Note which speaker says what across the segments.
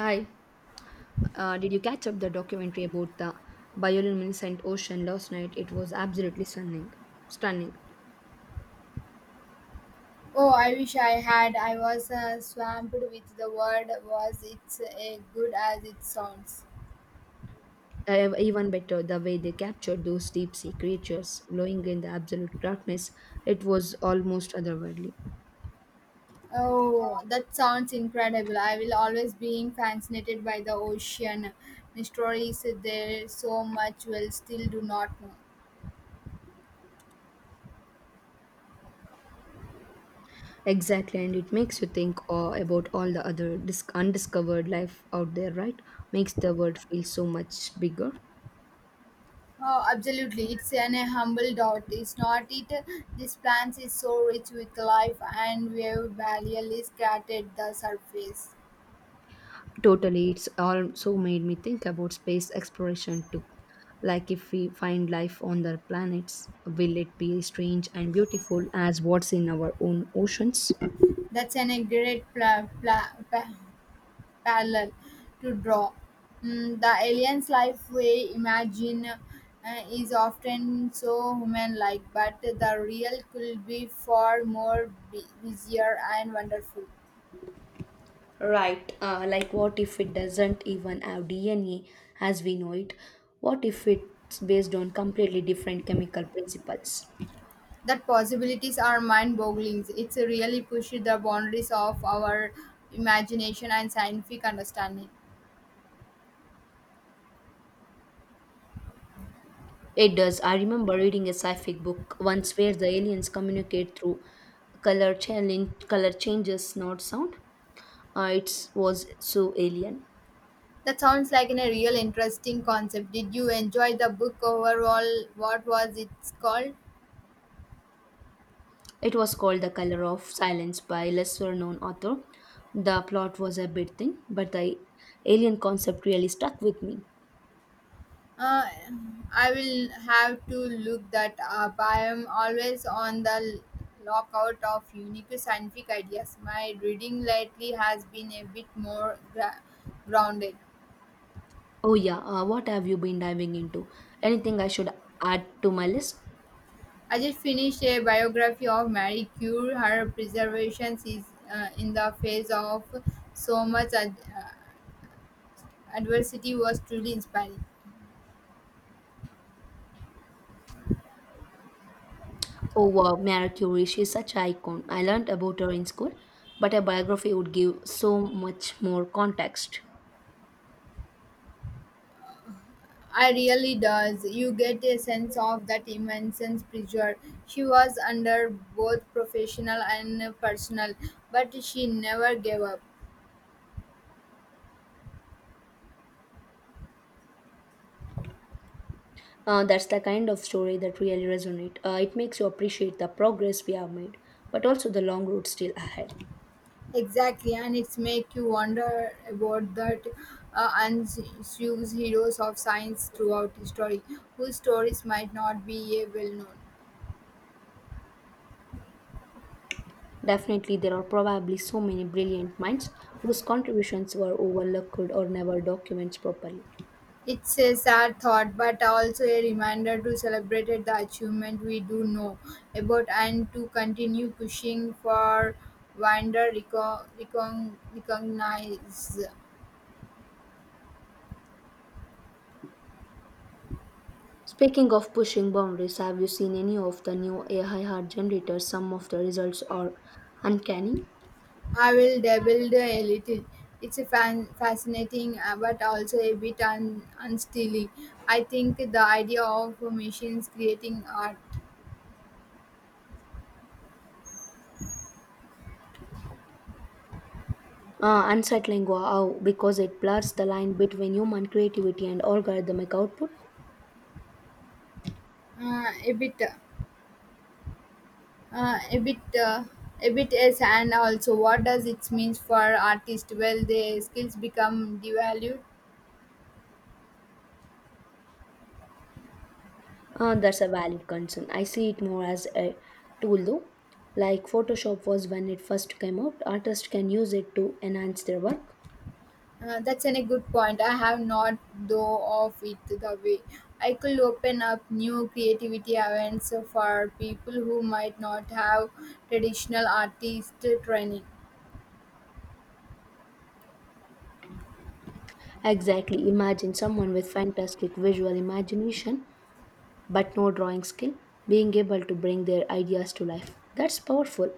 Speaker 1: Hi, did you catch up the documentary about the bioluminescent ocean last night? It was absolutely stunning. Stunning.
Speaker 2: Oh, I wish I had. I was swamped with the word was it's as good as it sounds.
Speaker 1: Even better, the way they captured those deep sea creatures glowing in the absolute darkness, it was almost otherworldly.
Speaker 2: Oh, that sounds incredible. I will always be fascinated by the ocean. Stories there so much we'll still do not know.
Speaker 1: Exactly, and it makes you think about all the other undiscovered life out there, right? Makes the world feel so much bigger.
Speaker 2: Oh, absolutely. It's an a humble doubt. It's not it. This plant is so rich with life and we have barely scratched the surface.
Speaker 1: Totally, it's also made me think about space exploration too. Like if we find life on other planets, will it be strange and beautiful as what's in our own oceans?
Speaker 2: That's an a great parallel to draw. Mm, the alien's life we imagine is often so human-like, but the real could be far more busier and wonderful.
Speaker 1: Right, like what if it doesn't even have DNA as we know it? What if it's based on completely different chemical principles?
Speaker 2: That possibilities are mind-boggling. It's really pushes the boundaries of our imagination and scientific understanding.
Speaker 1: It does. I remember reading a sci-fi book once where the aliens communicate through color channeling, color changes, not sound. It was so alien.
Speaker 2: That sounds like a real interesting concept. Did you enjoy the book overall? What was it called?
Speaker 1: It was called The Color of Silence by lesser known author. The plot was a bit thin, but the alien concept really stuck with me.
Speaker 2: Uh, I will have to look that up. I am always on the lookout of unique scientific ideas. My reading lately has been a bit more grounded.
Speaker 1: Oh, yeah, what have you been diving into? Anything I should add to my list?
Speaker 2: I just finished a biography of Marie Curie. Her preservation is in the face of so much adversity was truly inspiring.
Speaker 1: Oh, wow, Marie Curie, she's such an icon. I learned about her in school, but a biography would give so much more context.
Speaker 2: I really does. You get a sense of that immense pressure she was under, both professional and personal, but she never gave up.
Speaker 1: That's the kind of story that really resonates. It makes you appreciate the progress we have made, but also the long road still ahead.
Speaker 2: Exactly, and it's make you wonder about that unsung heroes of science throughout history, whose stories might not be well known.
Speaker 1: Definitely, there are probably so many brilliant minds whose contributions were overlooked or never documented properly.
Speaker 2: It's a sad thought, but also a reminder to celebrate the achievement we do know about and to continue pushing for wonder recognize.
Speaker 1: Speaking of pushing boundaries, have you seen any of the new AI heart generators? Some of the results are uncanny,
Speaker 2: I will dabble a little. It's a fascinating, but also a bit unstilling. I think the idea of machines creating art
Speaker 1: unsettling, wow, because it blurs the line between human creativity and algorithmic output.
Speaker 2: a bit. Uh, a bit yes and also what does it means for artists well their skills become devalued.
Speaker 1: That's a valid concern. I see it more as a tool though. Like Photoshop was when it first came out, artists can use it to enhance their work.
Speaker 2: Uh, that's an, a good point. I have not though of it the way I could open up new creativity events for people who might not have traditional artist training.
Speaker 1: Exactly. Imagine someone with fantastic visual imagination but no drawing skill being able to bring their ideas to life. That's powerful.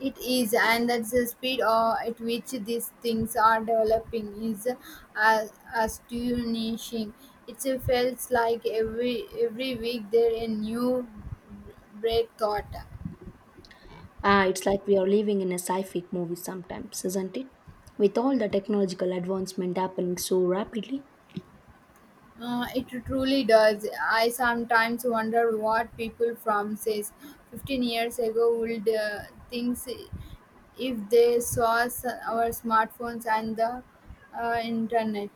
Speaker 2: It is, and that's the speed at which these things are developing is uh, astonishing. It feels like every week there a new great thought.
Speaker 1: Ah, it's like we are living in a sci-fi movie sometimes, isn't it? With all the technological advancement happening so rapidly,
Speaker 2: It truly does. I sometimes wonder what people from says 15 years ago would think if they saw our smartphones and the internet.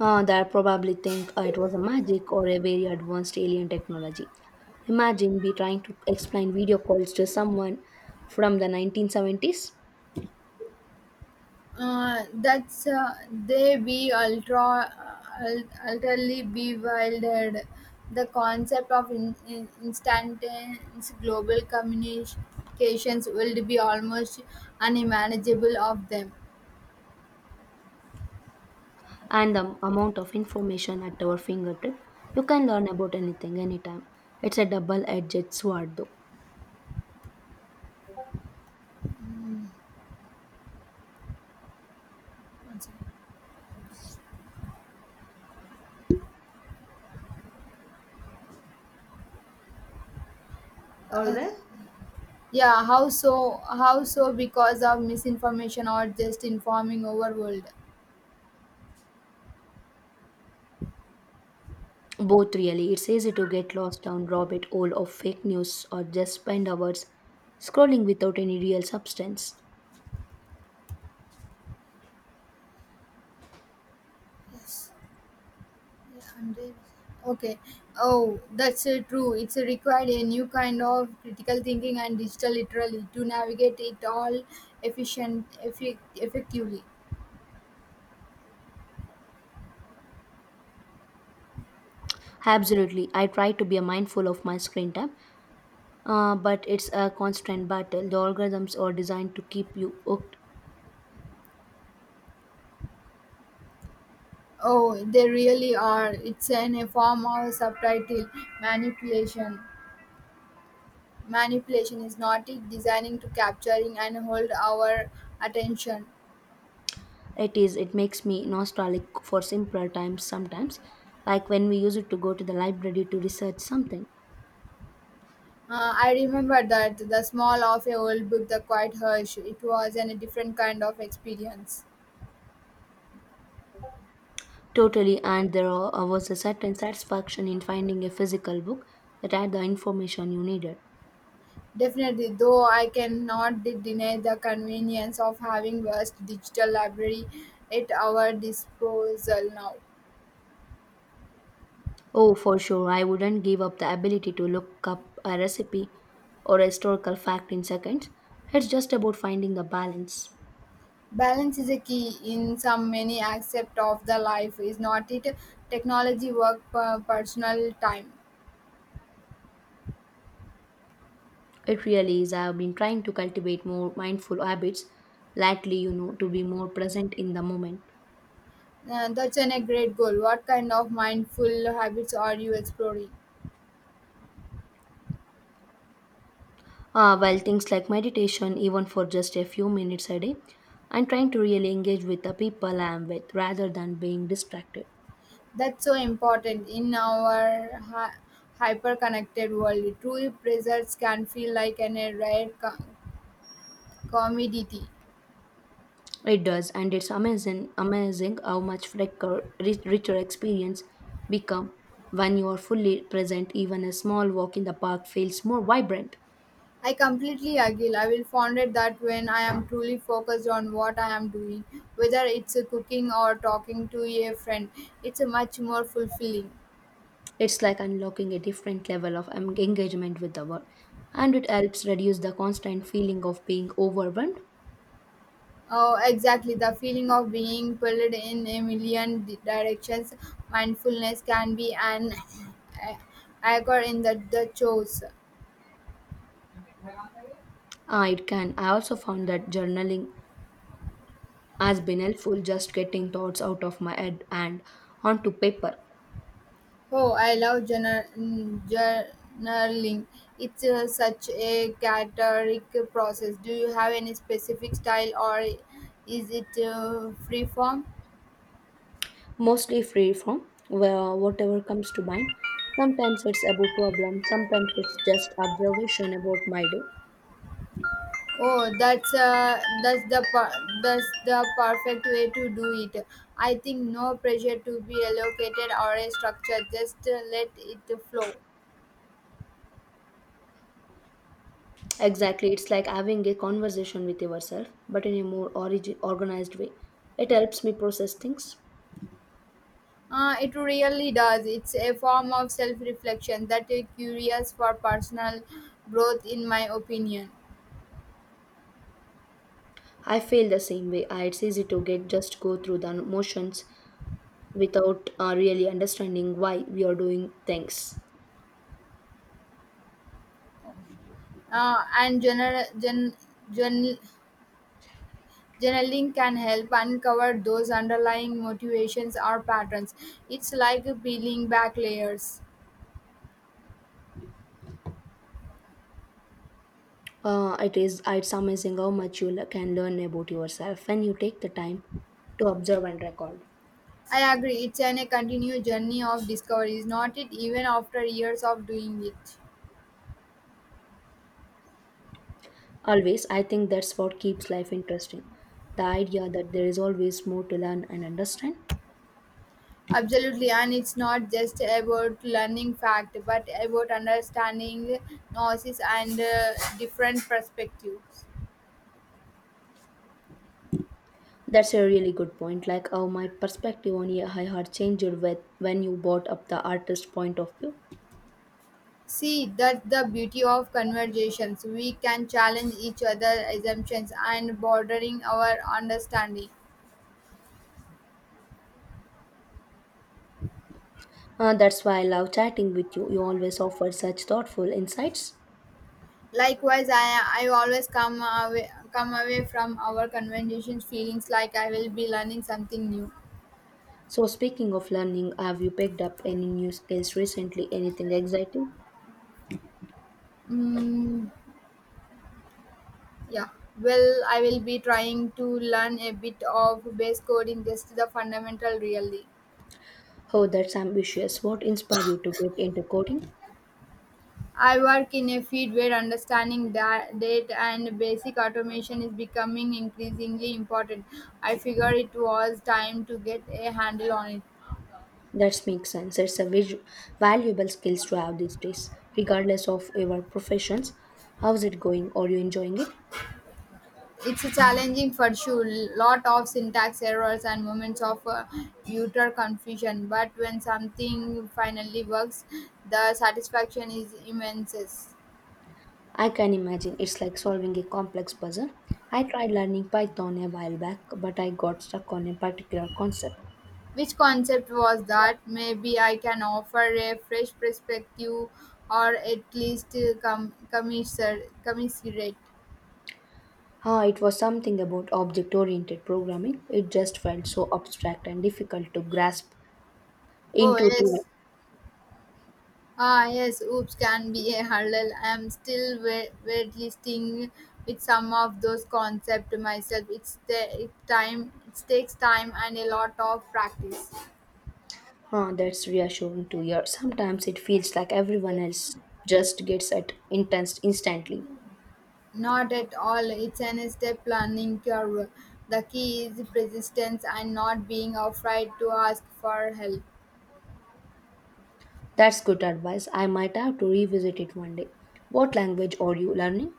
Speaker 1: they probably think it was a magic or a very advanced alien technology. Imagine be trying to explain video calls to someone from the 1970s.
Speaker 2: That's They be ultra utterly bewildered. The concept of instantaneous global communications will be almost unmanageable of them.
Speaker 1: And the amount of information at our fingertip, you can learn about anything anytime. It's a double-edged sword, though.
Speaker 2: One second.
Speaker 1: Or you there?
Speaker 2: Yeah, how so? How so? Because of misinformation or just informing overworld.
Speaker 1: Both really. It's easy to get lost down rabbit hole of fake news or just spend hours scrolling without any real substance.
Speaker 2: Yes. Yeah, and then- Okay. Oh, that's true. It's required a new kind of critical thinking and digital literacy to navigate it all efficient, effi- effectively.
Speaker 1: Absolutely. I try to be mindful of my screen time, but it's a constant battle. The algorithms are designed to keep you hooked.
Speaker 2: Oh, they really are. It's an, a form of subtitle manipulation. Manipulation is not it designing to capturing and hold our attention.
Speaker 1: It is. It makes me nostalgic for simpler times sometimes, like when we used to go to the library to research something.
Speaker 2: I remember that the small of a old book, the quiet hush. It was an, a different kind of experience.
Speaker 1: Totally, and was a certain satisfaction in finding a physical book that had the information you needed.
Speaker 2: Definitely, though I cannot deny the convenience of having vast digital library at our disposal now.
Speaker 1: Oh, for sure, I wouldn't give up the ability to look up a recipe or a historical fact in seconds. It's just about finding the balance.
Speaker 2: Balance is a key in some many aspect of the life, is not it? Technology, work, personal time.
Speaker 1: It really is. I have been trying to cultivate more mindful habits lately, you know, to be more present in the moment.
Speaker 2: That's an, a great goal. What kind of mindful habits are you exploring?
Speaker 1: Well, things like meditation, even for just a few minutes a day, I'm trying to really engage with the people I am with rather than being distracted.
Speaker 2: That's so important in our hyper-connected world. True presence can feel like an, a rare commodity.
Speaker 1: It does, and it's amazing how much richer experience become when you are fully present. Even a small walk in the park feels more vibrant.
Speaker 2: I completely agree. I will find it that when I am truly focused on what I am doing, whether it's a cooking or talking to a friend, it's a much more fulfilling.
Speaker 1: It's like unlocking a different level of engagement with the world, and it helps reduce the constant feeling of being overwhelmed.
Speaker 2: Oh, exactly. The feeling of being pulled in a million directions, mindfulness can be an a- anchor in the chores.
Speaker 1: It can. I also found that journaling has been helpful, just getting thoughts out of my head and onto paper,
Speaker 2: Oh, I love journaling. It's such a cathartic process. Do you have any specific style, or is it free form?
Speaker 1: mostly free from well, whatever comes to mind. Sometimes it's about problem, sometimes it's just observation about my day.
Speaker 2: Oh, that's that's the perfect way to do it. I think no pressure to be allocated or a structure. Just let it flow.
Speaker 1: Exactly, it's like having a conversation with yourself, but in a more organized way. It helps me process things.
Speaker 2: It really does. It's a form of self-reflection that is curious for personal growth, in my opinion.
Speaker 1: I feel the same way. It's easy to get just go through the motions without really understanding why we are doing things.
Speaker 2: And journal, gen, journal, Journaling can help uncover those underlying motivations or patterns. It's like peeling back layers.
Speaker 1: It is, it's amazing how much you can learn about yourself when you take the time to observe and record.
Speaker 2: I agree, it's an, a continued journey of discovery, is not it, even after years of doing it.
Speaker 1: Always, I think that's what keeps life interesting. The idea that there is always more to learn and understand.
Speaker 2: Absolutely, and it's not just about learning fact, but about understanding noises and different perspectives.
Speaker 1: That's a really good point. Like how my perspective on AI had changed with when you brought up the artist point of view.
Speaker 2: See, that's the beauty of conversations. We can challenge each other assumptions and bordering our understanding.
Speaker 1: That's why I love chatting with you. You always offer such thoughtful insights.
Speaker 2: Likewise, I always come away from our conversations feelings like I will be learning something new.
Speaker 1: So, speaking of learning, have you picked up any new skills recently? Anything exciting?
Speaker 2: Mm, yeah, well, I will be trying to learn a bit of base coding, just the fundamental really.
Speaker 1: Oh, that's ambitious. What inspired you to get into coding?
Speaker 2: I work in a field where understanding data and basic automation is becoming increasingly important. I figure it was time to get a handle on it.
Speaker 1: That makes sense. It's a valuable skills to have these days, regardless of your professions. How's it going? Are you enjoying it?
Speaker 2: It's a challenging for sure, lot of syntax errors and moments of utter confusion. But when something finally works, the satisfaction is immense.
Speaker 1: I can imagine it's like solving a complex puzzle. I tried learning Python a while back, but I got stuck on a particular concept.
Speaker 2: Which concept was that? Maybe I can offer a fresh perspective or at least commiserate.
Speaker 1: Ah, it was something about object oriented programming. It just felt so abstract and difficult to grasp
Speaker 2: Oh,
Speaker 1: intuitively.
Speaker 2: yes. Ah, yes, oops can be a hurdle. I am still waitlisting with some of those concepts myself. It time. It takes time and a lot of practice.
Speaker 1: Huh, that's reassuring to hear. Sometimes it feels like everyone else just gets it intense instantly.
Speaker 2: Not at all. It's an step learning curve. The key is persistence and not being afraid to ask for help.
Speaker 1: That's good advice. I might have to revisit it one day. What language are you learning?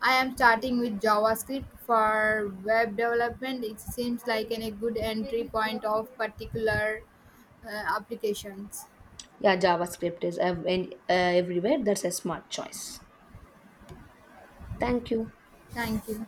Speaker 2: I am starting with JavaScript for web development. It seems like a good entry point of particular uh, applications.
Speaker 1: Yeah, JavaScript is everywhere. That's a smart choice. Thank you.
Speaker 2: Thank you.